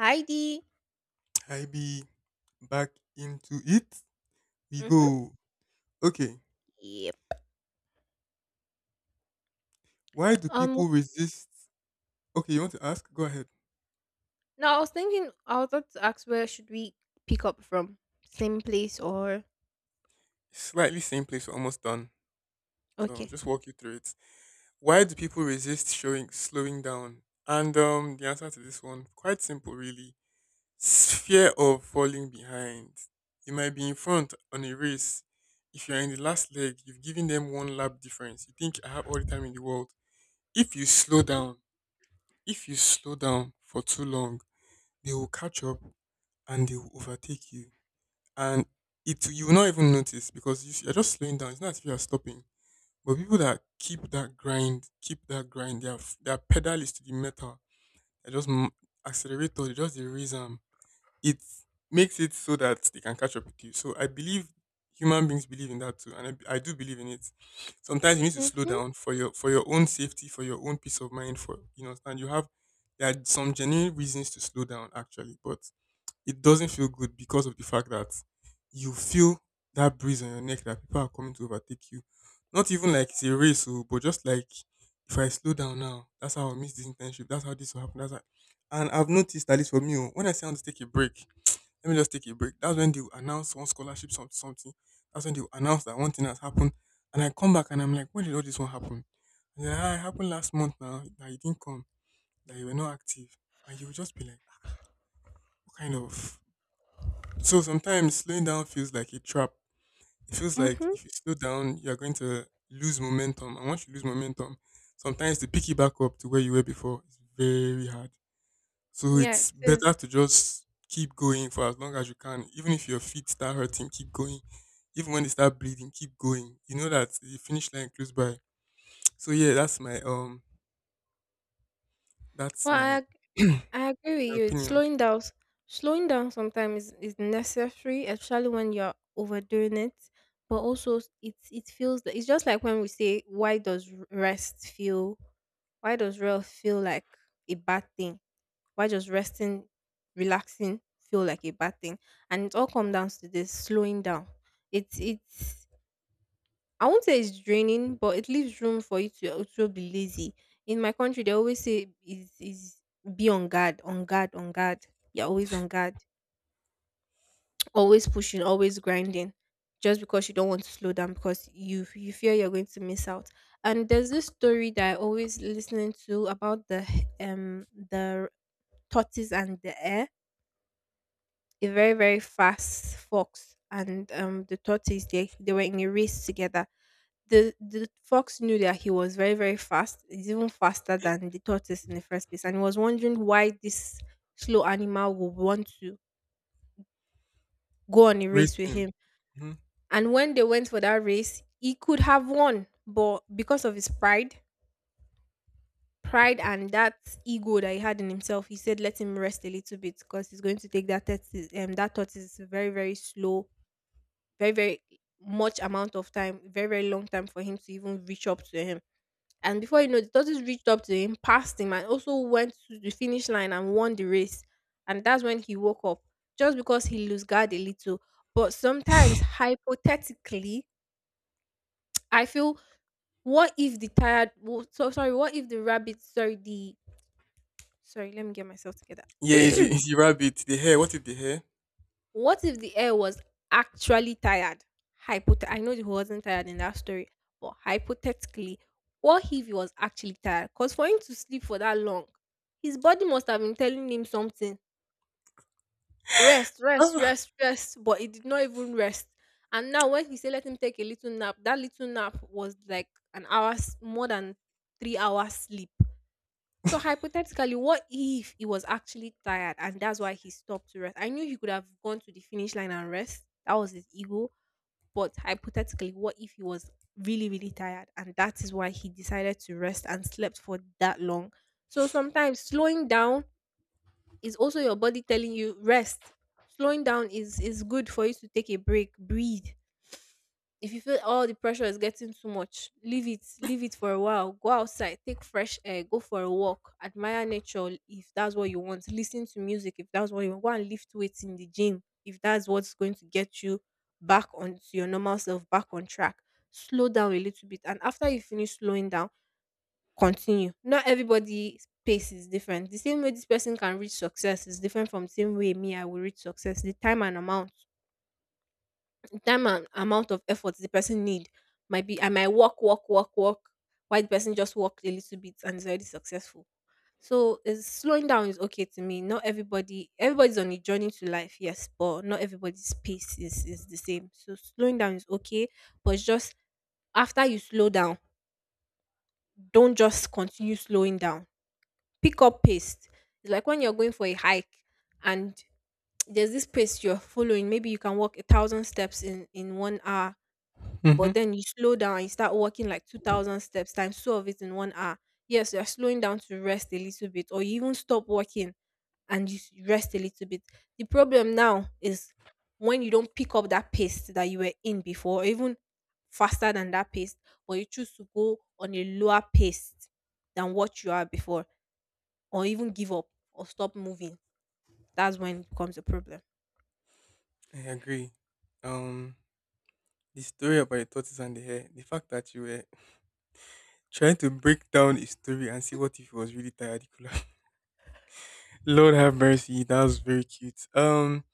Heidi. I be back into it. We Mm-hmm. go. Okay. Yep. Why do Um, people resist? Okay, you want to ask? Go ahead. Now I was thinking, I was about to ask, where should we pick up from? Same place, or Slightly same place. We're almost done. So I'll okay? just walk you through it. Why do people resist showing slowing down? And the answer to this one quite simple, really. Fear of falling behind. You might be in front on a race. If you're in the last leg, you've given them one lap difference. You think I have all the time in the world. If you slow down, if you slow down for too long, they will catch up and they will overtake you. And it you will not even notice because you're just slowing down. It's not as if you're stopping. But people that keep that grind, their pedal is to the metal. They just accelerator, they just the reason it makes it so that they can catch up with you. So I believe human beings believe in that too, and I do believe in it. Sometimes you need to slow Mm-hmm. down for your own safety, for your own peace of mind. For you know, and you have there are some genuine reasons to slow down actually, but it doesn't feel good because of the fact that you feel that breeze on your neck that people are coming to overtake you. Not even like it's a race, oh, but just like if I slow down now, that's how I'll miss this internship. That's how this will happen. That's how... And I've noticed, at least for me, oh, when I say I want to take a break, let me just take a break. That's when they will announce one scholarship, something, something. That's when they will announce that one thing has happened. And I come back and I'm like, when did all this one happen? And they're like, "Ah, it happened last month now, that you didn't come, that you were not active." And you will just be like, what kind of so sometimes slowing down feels like a trap. It feels like Mm-hmm. if you slow down, you're going to lose momentum. And once you lose momentum, sometimes to pick it back up to where you were before is very hard. So Yeah, it it's better is. to just keep going for as long as you can. Even if your feet start hurting, keep going. Even when they start bleeding, keep going. You know that the finish line close by. So yeah, that's my um that's Well, my I agree with you. It's opinion. slowing down. Slowing down sometimes is necessary, especially when you're overdoing it. But also, it feels that it's just like when we say, "Why does rest feel? Why does rest feel like a bad thing?" Why does resting, relaxing feel like a bad thing? And it all comes down to this slowing down. It's I won't say it's draining, but it leaves room for you to also be lazy. In my country, they always say, is be on guard, on guard, on guard. You're always on guard, always pushing, always grinding, just because you don't want to slow down, because you fear you're going to miss out. And there's this story that I always listening to about the tortoise and the hare. A very, very fast fox and the tortoise, they were in a race together. The fox knew that he was very, very fast. He's even faster than the tortoise in the first place, and he was wondering why this slow animal would want to go on a race Raise with him. him. Mhm. And when they went for that race, he could have won, but because of his pride, pride and that ego that he had in himself, he said let him rest a little bit, because he's going to take that tortoise That tortoise is very, very slow, very, very much amount of time, very, very long time for him to even reach up to him. And before you know, the tortoise reached up to him, passed him, and also went to the finish line and won the race. And that's when he woke up, just because he lose guard a little. But sometimes, hypothetically, I feel, what if the tired? So sorry, what if the rabbit? Sorry, the sorry. Let me get myself together. Yeah, is the, is the rabbit, the hair, what if the hair? What if the air was actually tired? I know he wasn't tired in that story, but hypothetically, what if he was actually tired? Because for him to sleep for that long, his body must have been telling him something. Rest, rest, Ah. rest, rest. But it did not even rest. And now when he said let him take a little nap, that little nap was like an more than 3 hours sleep. So hypothetically, what if he was actually tired and that's why he stopped to rest? I knew he could have gone to the finish line and rest. That was his ego. But hypothetically, what if he was really, really tired and that is why he decided to rest and slept for that long? So sometimes slowing down is also your body telling you rest. Slowing down is good for you to take a break, breathe. If you feel all the pressure is getting too much, leave it for a while. Go outside, take fresh air, go for a walk, admire nature if that's what you want. Listen to music if that's what you want. Go and lift weights in the gym if that's what's going to get you back onto your normal self, back on track. Slow down a little bit, and after you finish slowing down, continue. Not everybody's pace is different. The same way this person can reach success is different from the same way me I will reach success. The time and amount of effort the person need might be, I might walk, walk, walk, walk, while the person just walked a little bit and is already successful. So is slowing down is okay to me. Not everybody everybody's on a journey to life, yes, but not everybody's pace is the same. So slowing down is okay, but just after you slow down, don't just continue slowing down. Pick up pace. It's like when you're going for a hike, and there's this pace you're following. Maybe you can walk a thousand steps in one hour, Hmm. but then you slow down and you start walking like 2,000 steps times two of it in one hour. Yes, you're slowing down to rest a little bit, or you even stop walking and you rest a little bit. The problem now is when you don't pick up that pace that you were in before, or even faster than that pace, but you choose to go on a lower pace than what you are before, or even give up or stop moving, that's when it becomes a problem. I agree. Um, the story about your tortoise and the hare, the fact that you were trying to break down a story and see what if he was really tired. Lord have mercy, that was very cute.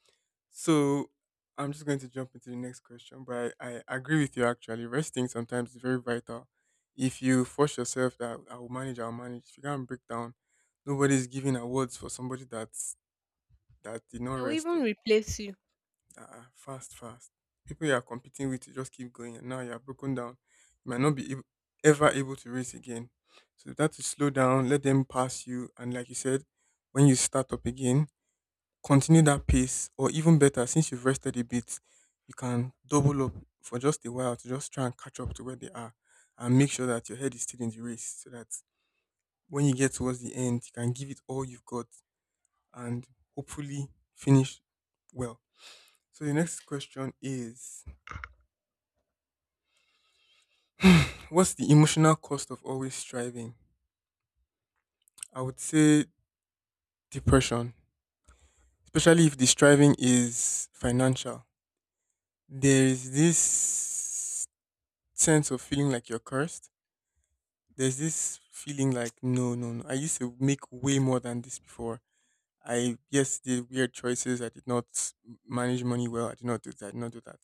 So I'm just going to jump into the next question, but I agree with you actually. Resting sometimes is very vital. If you force yourself that I will manage, I'll manage. If you can't break down, nobody's giving awards for somebody that did not They will rest. even replace you. Fast, fast. People you are competing with to just keep going, and now you are broken down. You might not be able, ever able to race again. So that to slow down, let them pass you, and like you said, when you start up again, continue that pace, or even better, since you've rested a bit, you can double up for just a while to just try and catch up to where they are, and make sure that your head is still in the race, so that when you get towards the end, you can give it all you've got, and hopefully finish well. So the next question is what's the emotional cost of always striving? I would say depression, especially if the striving is financial. There is this sense of feeling like you're cursed. There's this feeling like, no, no, no. I used to make way more than this before. I, yes, did weird choices. I did not manage money well. I did not do that. I did not do that.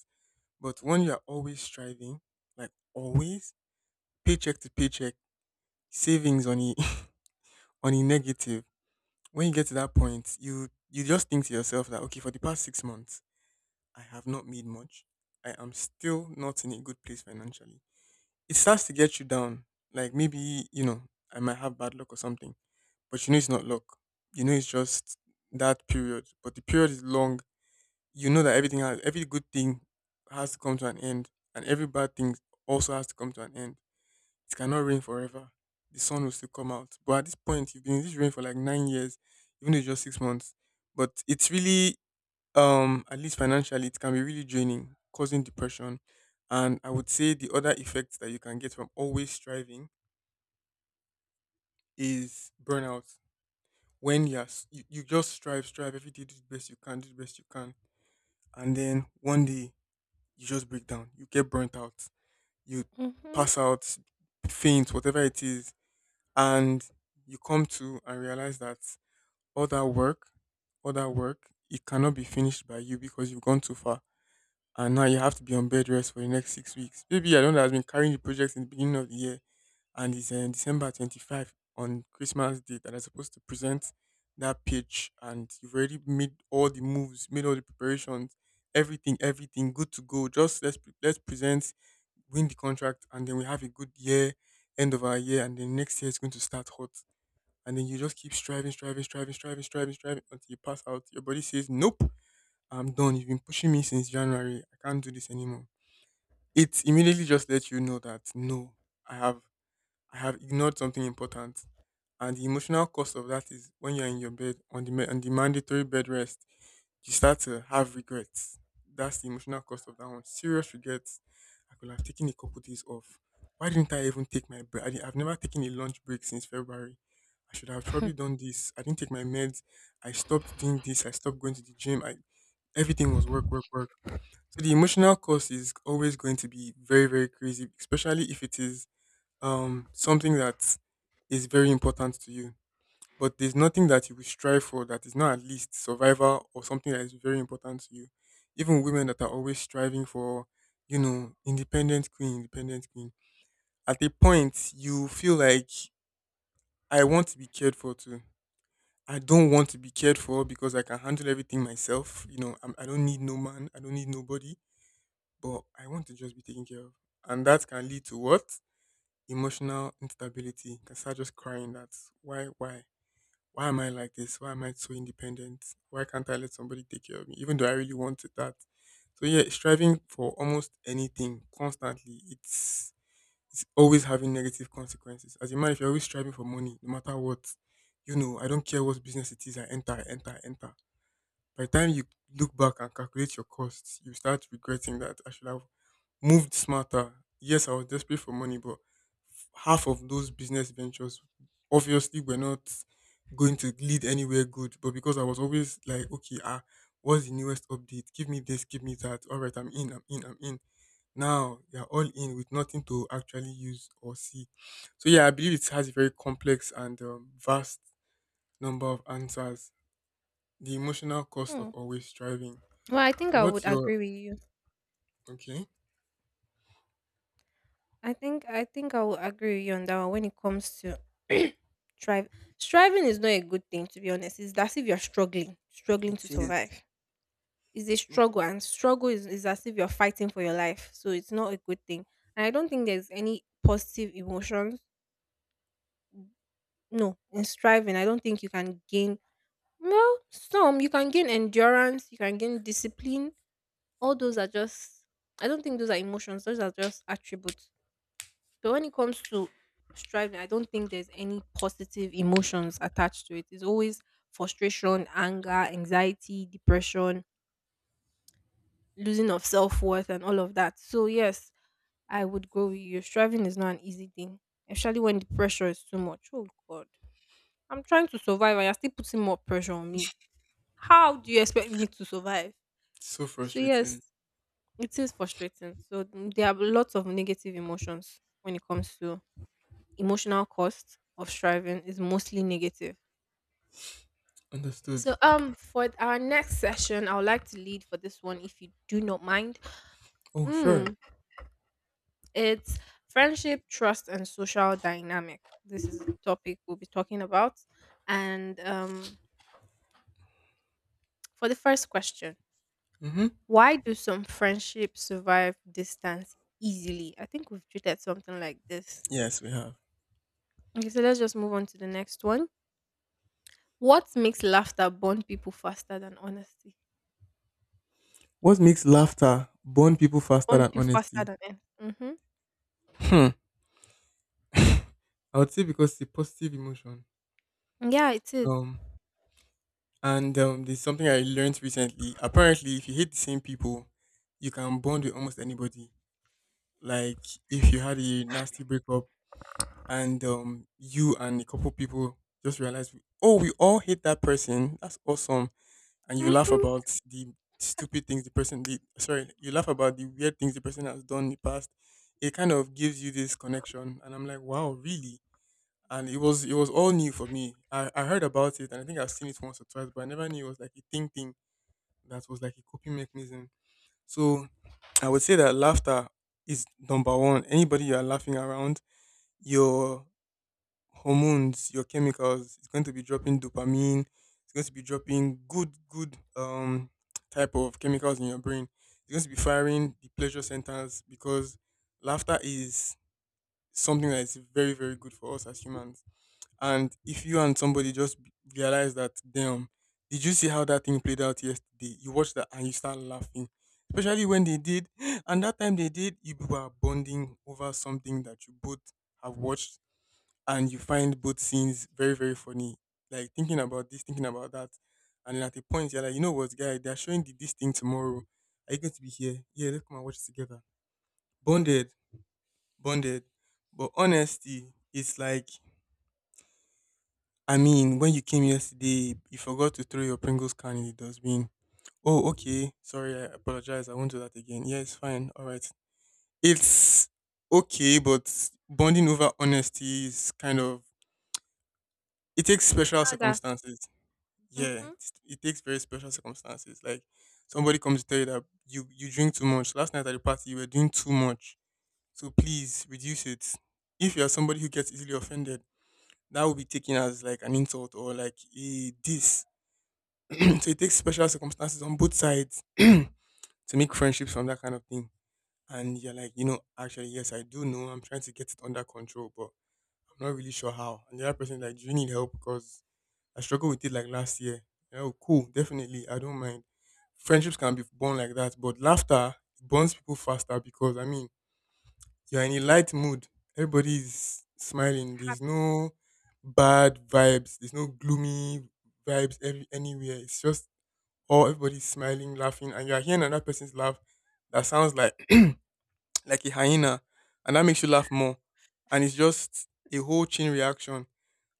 But when you are always striving, like always, paycheck to paycheck, savings on a, on a negative when you get to that point, you just think to yourself that okay, for the past 6 months, I have not made much. I am still not in a good place financially. It starts to get you down. Like maybe you know I might have bad luck or something, but you know it's not luck. You know it's just that period. But the period is long. You know that everything has every good thing has to come to an end, and every bad thing also has to come to an end it cannot rain forever. The sun will still come out. But at this point, you've been in this rain for like 9 years, even though it's just 6 months. But it's really, at least financially, it can be really draining, causing depression. And I would say the other effects that you can get from always striving is burnout. When you just strive, strive every day, do the best you can, do the best you can. And then one day, you just break down. You get burnt out. You Hmm. pass out, faint, whatever it is and you come to and realize that all that work, all that work, it cannot be finished by you because you've gone too far, and now you have to be on bed rest for the next 6 weeks. Maybe I don't know. I been carrying the project in the beginning of the year, and it's December 25 on Christmas Day that I'm supposed to present that pitch, and you've already made all the moves, made all the preparations, everything, everything, good to go. Just let's present, win the contract, and then we have a good year, end of our year, and then next year is going to start hot and then you just keep striving, striving, striving, striving, striving, striving until you pass out. Your body says, "Nope, I'm done. You've been pushing me since January. I can't do this anymore." It immediately just lets you know that no, I have I have ignored something important. And the emotional cost of that is when you're in your bed on the mandatory bed rest, you start to have regrets. That's the emotional cost of that one. Serious regrets. I could have taken a couple days off. Why didn't I even take my break? I've never taken a lunch break since February. I should have probably done this. I didn't take my meds. I stopped doing this. I stopped going to the gym. I Everything was work, work, work. So the emotional cost is always going to be very, very crazy, especially if it is something that is very important to you but there's nothing that you will strive for that is not at least survival or something that is very important to you. Even women that are always striving for, independent queen, independent queen. At a point, you feel like I want to be cared for too. I don't want to be cared for because I can handle everything myself. You know, I don't need no man. I don't need nobody. But I want to just be taken care of, and that can lead to what emotional instability. You can start just crying. That's why am I like this? Why am I so independent? Why can't I let somebody take care of me? Even though I really wanted that. So yeah, striving for almost anything constantly, it's always having negative consequences. As a man, if you're always striving for money, no matter what, you know, I don't care what business it is, I enter, I enter, I enter. By the time you look back and calculate your costs, you start regretting that I should have moved smarter. Yes, I was desperate for money, but half of those business ventures obviously were not going to lead anywhere good. But because I was always like, okay, what's the newest update? Give me this, give me that. All right, I'm in, I'm in, I'm in. Now you're all in with nothing to actually use or see. So yeah, I believe it has a very complex and vast number of answers. The emotional cost of Well, always striving. I think So I would what's your agree with you. okay? I think I will agree with you on that one when it comes to strive. Striving is not a good thing, to be honest. It's as if you're struggling, struggling It to is survive. It's a struggle, and struggle is as if you're fighting for your life. So it's not a good thing. And I don't think there's any positive emotions. No. In striving, I don't think you can gain, well, some you can gain endurance, you can gain discipline. All those are just, I don't think those are emotions, those are just attributes. But when it comes to striving, I don't think there's any positive emotions attached to it. It's always frustration, anger, anxiety, depression, losing of self worth, and all of that. So, yes, I would go with you. Striving is not an easy thing, especially when the pressure is too much. Oh, God. I'm trying to survive, and you're still putting more pressure on me. How do you expect me to survive? It's so So, frustrating. yes, it is frustrating. So, there are lots of negative emotions when it comes to emotional cost of striving is mostly negative. Understood. So for our next session, I would like to lead for this one if you do not mind. Oh, sure. Mm, it's friendship, trust, and social dynamic. This is the topic we'll be talking about. And for the first question, Mm-hmm. why do some friendships survive distance easily? I think we've treated something like this. Yes, we have. Okay, so let's just move on to the next one. What makes laughter bond people faster than honesty? What makes laughter bond people faster Burn than p faster honesty? than air. Mhm. Hmm. I would say because it's a positive emotion. Yeah, it is. Um, and there's something I learned recently. Apparently, if you hate the same people, you can bond with almost anybody. Like if you had a nasty breakup and you and a couple people just realized, oh, we all hate that person. That's awesome, and you laugh Mhm. about the stupid things the person did. Sorry, you laugh about the weird things the person has done in the past. It kind of gives you this connection, and I'm like, wow, really? And it was all new for me. I heard about it, and I think I've seen it once or twice, but I never knew it was like a thing thing that was like a coping mechanism. So I would say that laughter is number one. Anybody you are laughing around, your hormones, your chemicals. It's going to be dropping dopamine. It's going to be dropping good, good type of chemicals in your brain. It's going to be firing the pleasure centers because laughter is something that is very, very good for us as humans. And if you and somebody just realize that, damn, did you see how that thing played out yesterday? You watch that and you start laughing. Especially when they did, and that time they did, you people are bonding over something that you both have watched, and you find both scenes very, very funny. Like thinking about this, thinking about that. And then at a point, you're like, you know what, guy, they're showing this thing tomorrow. Are you going to be here? Yeah, let's come and watch it together. Bonded, bonded. But honesty, it's like, I mean, when you came yesterday, you forgot to throw your Pringles can in the dustbin. Oh, okay. Sorry, I apologize. I won't do that again. Yeah, it's fine. All right. It's okay, but bonding over honesty is kind of, it takes special How that circumstances, yeah, mhm it takes very special circumstances. Like somebody comes to tell you that you drink too much. Last night at the party, you were doing too much. So please reduce it. If you are somebody who gets easily offended, that will be taken as like an insult or like a diss. So it takes special circumstances on both sides to make friendships from that kind of thing. And you're like, you know, actually, yes, I do know. I'm trying to get it under control, but I'm not really sure how. And the other person like, do you need help? Because I struggled with it like last year. Oh, cool, definitely. I don't mind. Friendships can be born like that, but laughter bonds people faster because, I mean, you're in a light mood. Everybody's smiling. There's hap. no bad vibes. There's no gloomy vibes anywhere. It's just all everybody's smiling, laughing, and you're hearing another person's laugh that sounds like like a hyena, and that makes you laugh more. And it's just a whole chain reaction.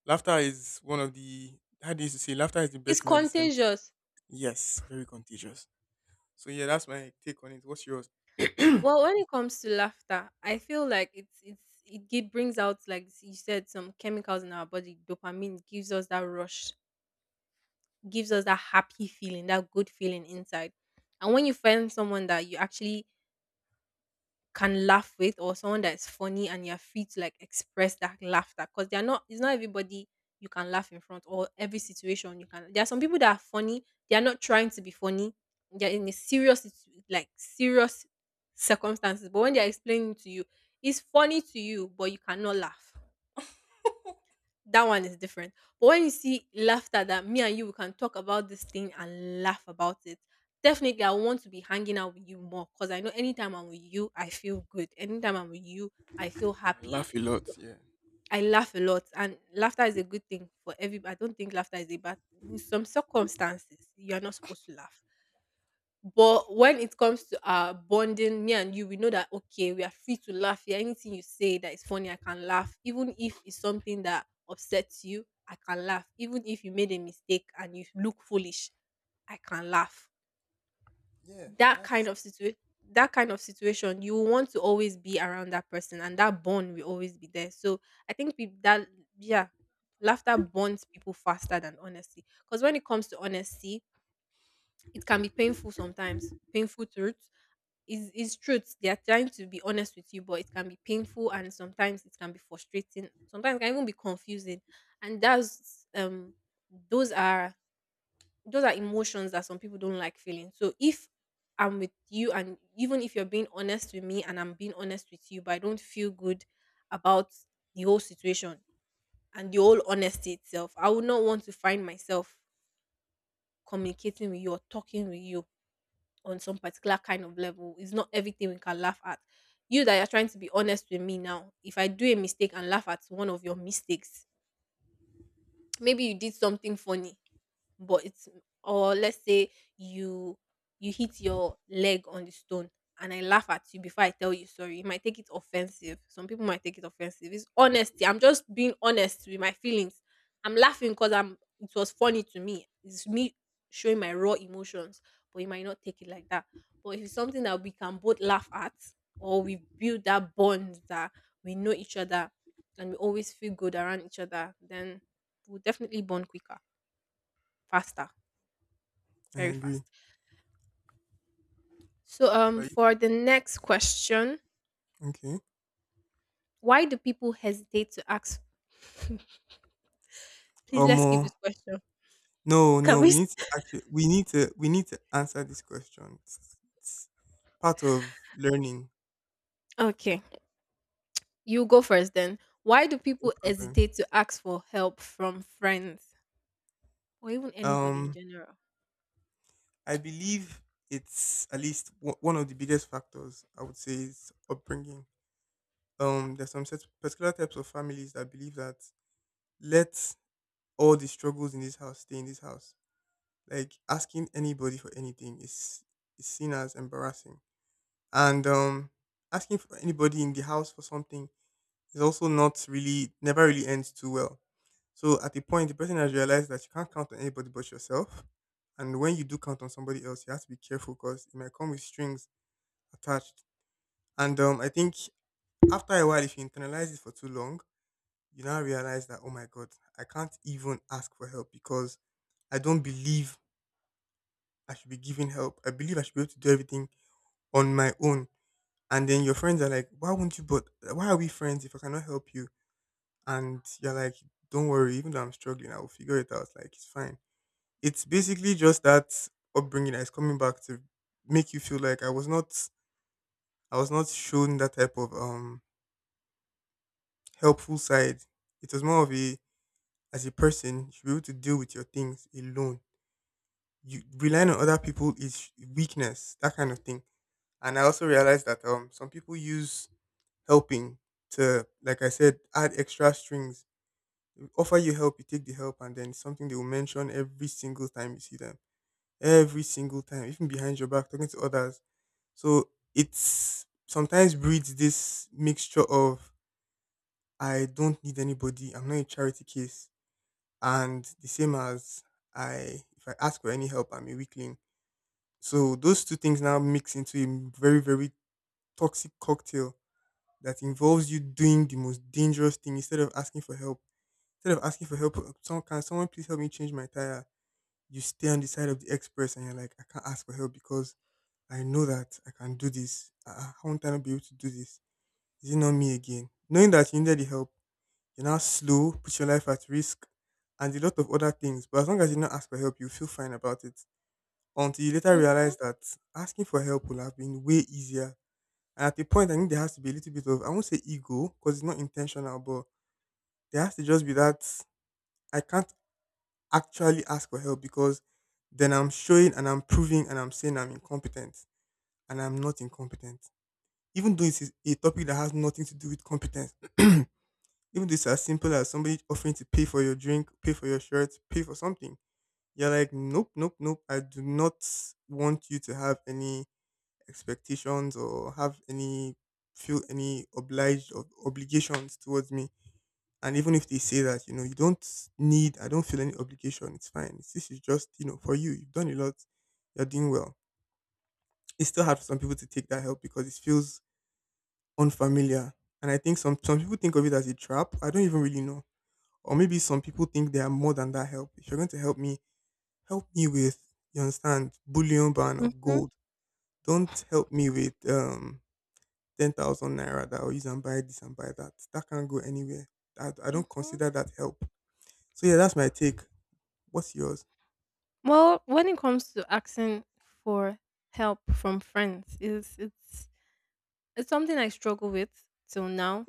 Laughter is one of the how do you say, laughter is the It's best medicine. contagious. Yes, very contagious. So yeah, that's my take on it. What's yours? Well, when it comes to laughter, I feel like it brings out, like you said, some chemicals in our body. Dopamine gives us that rush, gives us that happy feeling, that good feeling inside. And when you find someone that you actually can laugh with, or someone that is funny and you're free to like express that laughter, because they're not it's not everybody you can laugh in front, or every situation you can. There are some people that are funny, they are not trying to be funny, they're in a serious like serious circumstances, but when they're explaining to you, it's funny to you but you cannot laugh, that one is different. But when you see laughter that me and you we can talk about this thing and laugh about it, definitely I want to be hanging out with you more, because I know anytime I'm with you, I feel good. Anytime I'm with you, I feel I happy. laugh a lot. So Yeah. I laugh a lot, and laughter is a good thing for every. I don't think laughter is a bad thing. In some circumstances, you are not supposed to laugh. But when it comes to our bonding, me and you, we know that okay, we are free to laugh here. Anything you say that is funny, I can laugh. Even if it's something that upsets you, I can laugh. Even if you made a mistake and you look foolish, I can laugh. Yeah, That kind that's. of situation, that kind of situation, you want to always be around that person and that bond will always be there. So I think that, yeah, laughter bonds people faster than honesty, because when it comes to honesty, it can be painful sometimes. Painful truth is truth. They are trying to be honest with you, but it can be painful and sometimes it can be frustrating. Sometimes it can even be confusing. And that's those are those are emotions that some people don't like feeling. So if I'm with you and even if you're being honest with me and I'm being honest with you, but I don't feel good about the whole situation and the whole honesty itself, I would not want to find myself communicating with you or talking with you on some particular kind of level. It's not everything we can laugh at. You that you're trying to be honest with me now, if I do a mistake and laugh at one of your mistakes, maybe you did something funny but it's or let's say you you hit your leg on the stone and I laugh at you before I tell you sorry. You might take it offensive. Some people might take it offensive. It's honesty. I'm just being honest with my feelings. I'm laughing because I'm it was funny to me. It's me showing my raw emotions, but you might not take it like that. But if it's something that we can both laugh at or we build that bond that we know each other and we always feel good around each other, then we'll definitely bond quicker, faster, I very fast. agree. So, So um, I- for the next question, okay. why do people hesitate to ask? Please Um. let's keep uh, this question. No, Can no. we? We s- need to actually. We need to. We need to answer this question. It's part of learning. Okay, you go first then. Why do No people problem. hesitate to ask for help from friends or even anybody in Um. general? I believe it's at least one of the biggest factors. I would say is upbringing. There's some set, particular types of families that believe that let all the struggles in this house stay in this house. Like asking anybody for anything is seen as embarrassing, and asking for anybody in the house for something is also not really never really ends too well. So at a point, the person has realized that you can't count on anybody but yourself, and when you do count on somebody else, you have to be careful because it might come with strings attached. And I think after a while, if you internalize it for too long, you now realize that, oh my god, I can't even ask for help because I don't believe I should be giving help. I believe I should be able to do everything on my own. And then your friends are like, why won't you, but why are we friends if I cannot help you? And you're like, don't worry, even though I'm struggling, I will figure it out. Like, it's fine. It's basically just that upbringing that is coming back to make you feel like I was not shown that type of helpful side. It was more of a, as a person, you should be able to deal with your things alone. You relying on other people is weakness, that kind of thing. And I also realized that some people use helping to, like I said, add extra strings. They offer you help, you take the help, and then it's something they will mention every single time you see them, every single time, even behind your back, talking to others. So it's sometimes breeds this mixture of I don't need anybody, I'm not a charity case, and the same as, I if I ask for any help, I'm a weakling. So those two things now mix into a very, very toxic cocktail that involves you doing the most dangerous thing instead of asking for help. Instead of asking for help, can someone please help me change my tire? You stay on the side of the express and you're like, I can't ask for help because I know that I can do this. How won't I not be able to do this? Is it not me again? Knowing that you needed the help, you're now slow, put your life at risk, and a lot of other things. But as long as you not ask for help, you feel fine about it. Until you later Mhm, realize that asking for help would have been way easier. And at the point, I think there has to be a little bit of, I won't say ego, because it's not intentional, but there has to just be that I can't actually ask for help because then I'm showing and I'm proving and I'm saying I'm incompetent, and I'm not incompetent. Even though it's a topic that has nothing to do with competence, even though it's as simple as somebody offering to pay for your drink, pay for your shirt, pay for something, you're like, nope, nope, nope. I do not want you to have any expectations or have any, feel any obliged or obligations towards me. And even if they say that, you know, you don't need, I don't feel any obligation, it's fine. This is just, you know, for you. You've done a lot, you're doing well. It's still hard for some people to take that help because it feels unfamiliar. And I think some people think of it as a trap. I don't even really know. Or maybe some people think they are more than that help. If you're going to help me with, you understand, bullion ban of mhm, gold. Don't help me with 10,000 naira that I'll use and buy this and buy that. That can't go anywhere. I don't mhm. consider that help. So yeah, that's my take. What's yours? Well, when it comes to asking for help from friends, it's something I struggle with till now.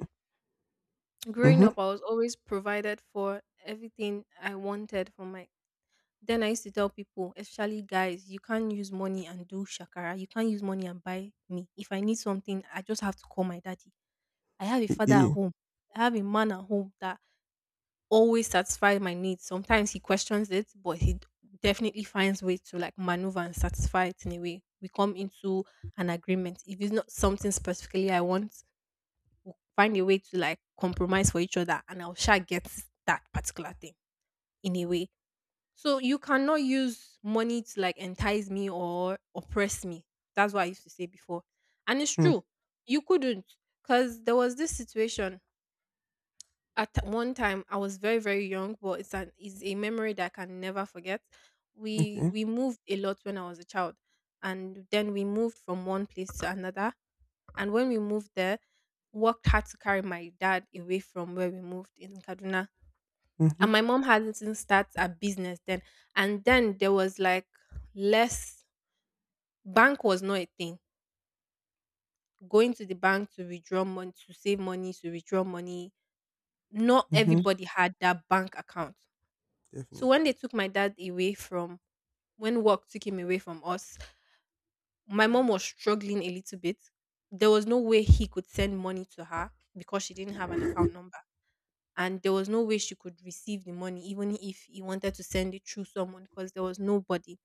Growing Mm-hmm. up, I was always provided for everything I wanted from my. Then I used to tell people, especially guys, you can't use money and do shakara. You can't use money and buy me. If I need something, I just have to call my daddy. I have a father E-e. at home. I have a man at home that always satisfies my needs. Sometimes he questions it, but definitely finds way to like maneuver and satisfy it in a way. We come into an agreement. If it's not something specifically I want, find a way to like compromise for each other, and I'll sure get that particular thing in a way so you cannot use money to like entice me or oppress me. That's what I used to say before. And it's Hmm. true. You couldn't. Because there was this situation one time I was very, very young, but it's an it's a memory that I can never forget. We Okay. we moved a lot when I was a child. And then we moved from one place to another. And when we moved there, worked hard to carry my dad away from where we moved in Kaduna, Mm-hmm. and my mom had to start a business then, and then there was like less, bank was not a thing, going to the bank to withdraw money, to save money, to withdraw money, not Mm-hmm. everybody had that bank account. So when they Definitely. took my dad away from, when work took him away from us, my mom Mhm. was struggling a little bit. There was no way he could send money to her because she didn't have an account number, and there was no way she could receive the money even if he wanted to send it through someone because there was nobody.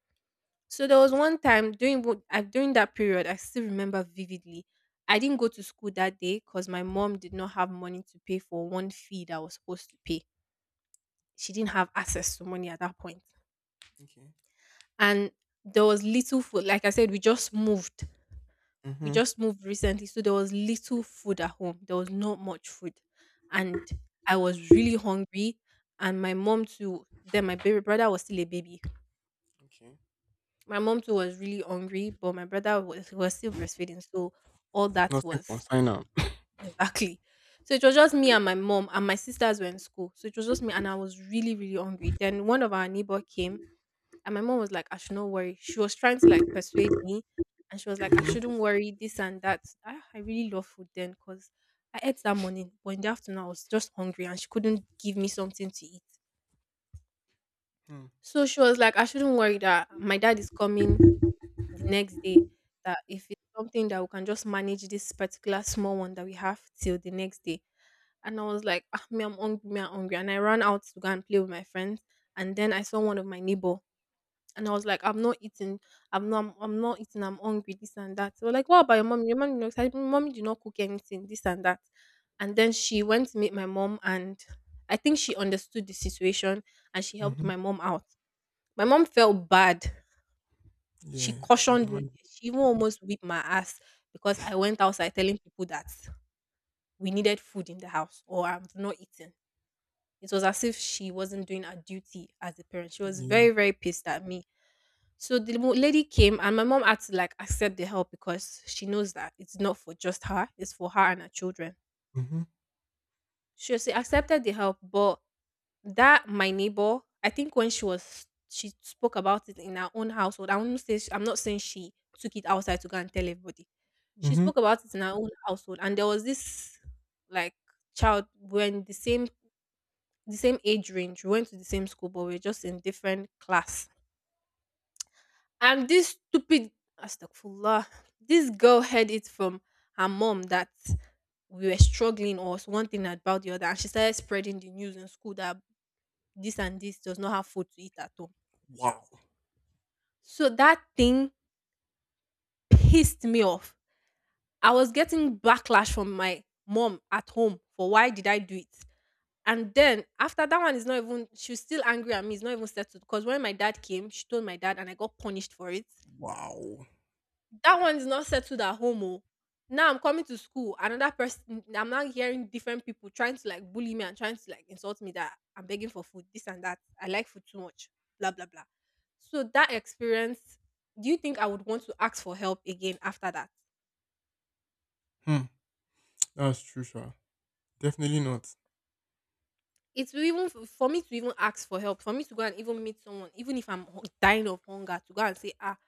So there was one time during wo- I during that period, I still remember vividly. I didn't go to school that day because my mom did not have money to pay for one fee that I was supposed to pay. She didn't have access to money at that point. Okay. And there was little food. Like I said, we just moved. We Mm-hmm. just moved recently. So there was little food at home. There was not much food. And I was really hungry. And my mom too, then my baby brother was still a baby. Okay. My mom too was really hungry, but my brother was still breastfeeding, so all that Nothing was consign am. exactly. So it was just me and my mom, and my sisters were in school. So it was just me, and I was really, really hungry. Then one of our neighbor came, and my mom was like, "I should not worry." She was trying to like persuade me, and she was like, "I Mm-hmm. shouldn't worry, this and that." Ah, I really love food then, cause I ate that morning, but in the afternoon I was just hungry, and she couldn't give me something to eat. Hmm. So she was like, I shouldn't worry that my dad is coming the next day, that if it's something that we can just manage this particular small one that we have till the next day. And I was like, ah, me, I'm hungry, me, I'm hungry. And I ran out to go and play with my friends. And then I saw one of my neighbor. And I was like, I'm not eating. I'm not eating. I'm hungry. This and that. So like, what about your mom? Your mom, you know, mommy did not cook anything. This and that. And then she went to meet my mom, and I think she understood the situation and she helped Mm-hmm. my mom out. My mom felt bad, she Yeah, I can cautioned me. imagine. She even almost whipped my ass because I went outside telling people that we needed food in the house or I am not eating. It was as if she wasn't doing her duty as a parent. She was Yeah. very, very pissed at me. So the lady came, and my mom had to like accept the help because she knows that it's not for just her; it's for her and her children. Mm-hmm. She accepted the help, but that my neighbor, I think when she was, she spoke about it in her own household. I won't say, I'm not saying she took it outside to go and tell everybody. She Mm-hmm. spoke about it in her own household, and there was this like child when the same, the same age range. We went to the same school, but we are just in different class. And this stupid astaghfirullah, this girl heard it from her mom that we were struggling or one thing about the other, and she started spreading the news in school that this and this does not have food to eat at home. Wow. So that thing pissed me off. I was getting backlash from my mom at home for why did I do it? And then after that one is not even, she was still angry at me, it's not even settled. Because when my dad came, she told my dad and I got punished for it. Wow. That one is not settled at home oh. Now I'm coming to school, another person, I'm now hearing different people trying to like bully me and trying to like insult me that I'm begging for food, this and that. I like food too much. Blah blah blah. So that experience, do you think I would want to ask for help again after that? Hmm. That's true, sure. Definitely not. It's even, for me to even ask for help, for me to go and even meet someone, even if I'm dying of hunger, to go and say, ah,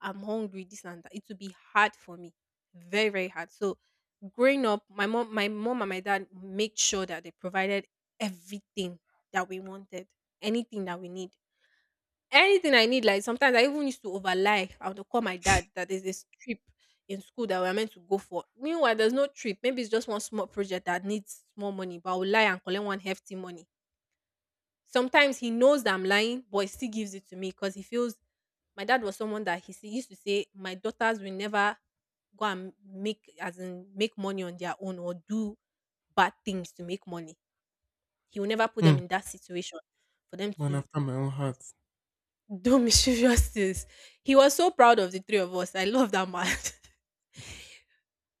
I'm hungry, this and that. It will be hard for me, very very hard. So growing up, my mom and my dad made sure that they provided everything that we wanted, anything that we need, anything I need. Like sometimes I even used to overlie. I would call my dad that there's this trip in school that we're meant to go for. Meanwhile, there's no trip. Maybe it's just one small project that needs small money, but I would lie and collect one hefty money. Sometimes he knows that I'm lying, but he still gives it to me because he feels, my dad was someone that he used to say, my daughters will never go and make, as in make money on their own or do bad things to make money. He will never put Hmm. them in that situation for them Man to after my own heart. do mischievous things. He was so proud of the three of us. I love that man.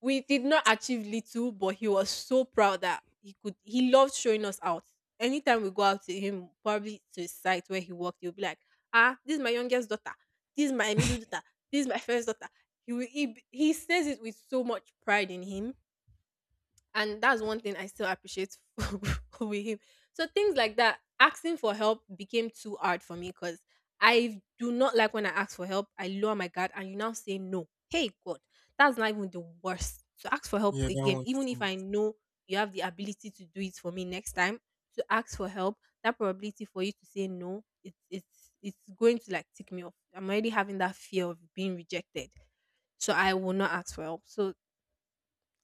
We did not achieve little, but he was so proud that he loved showing us out. Anytime we go out to him, probably to his site where he worked, he'll be like, ah, this is my youngest daughter, this is my middle daughter, this is my first daughter. He says it with so much pride in him, and that's one thing I still appreciate with him. So things like that, asking for help became too hard for me because I do not like when I ask for help. I lower my guard and you now say no. Hey God, that's not even the worst. So ask for help Yeah, that again, one even if I stinks. know you have the ability to do it for me next time. To ask for help, that probability for you to say no, it's going to like tick me off. I'm already having that fear of being rejected. So I will not ask for help. So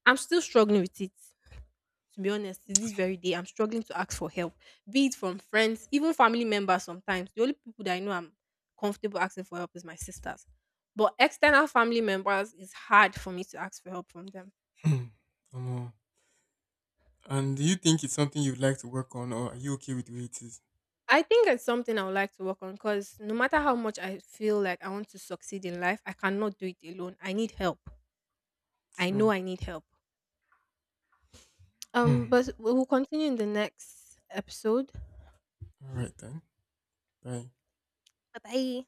I'm still struggling with it, to be honest, to this very day, I'm struggling to ask for help, be it from friends, even family members sometimes. The only people that I know I'm comfortable asking for help is my sisters. But external family members is hard for me to ask for help from them. Hmm. Come. And do you think it's something you'd like to work on, or are you okay with the way it is? I think it's something I would like to work on because no matter how much I feel like I want to succeed in life, I cannot do it alone. I need help. I know True. I need help. Hmm. But we will continue in the next episode. All right then. Bye. Bye bye.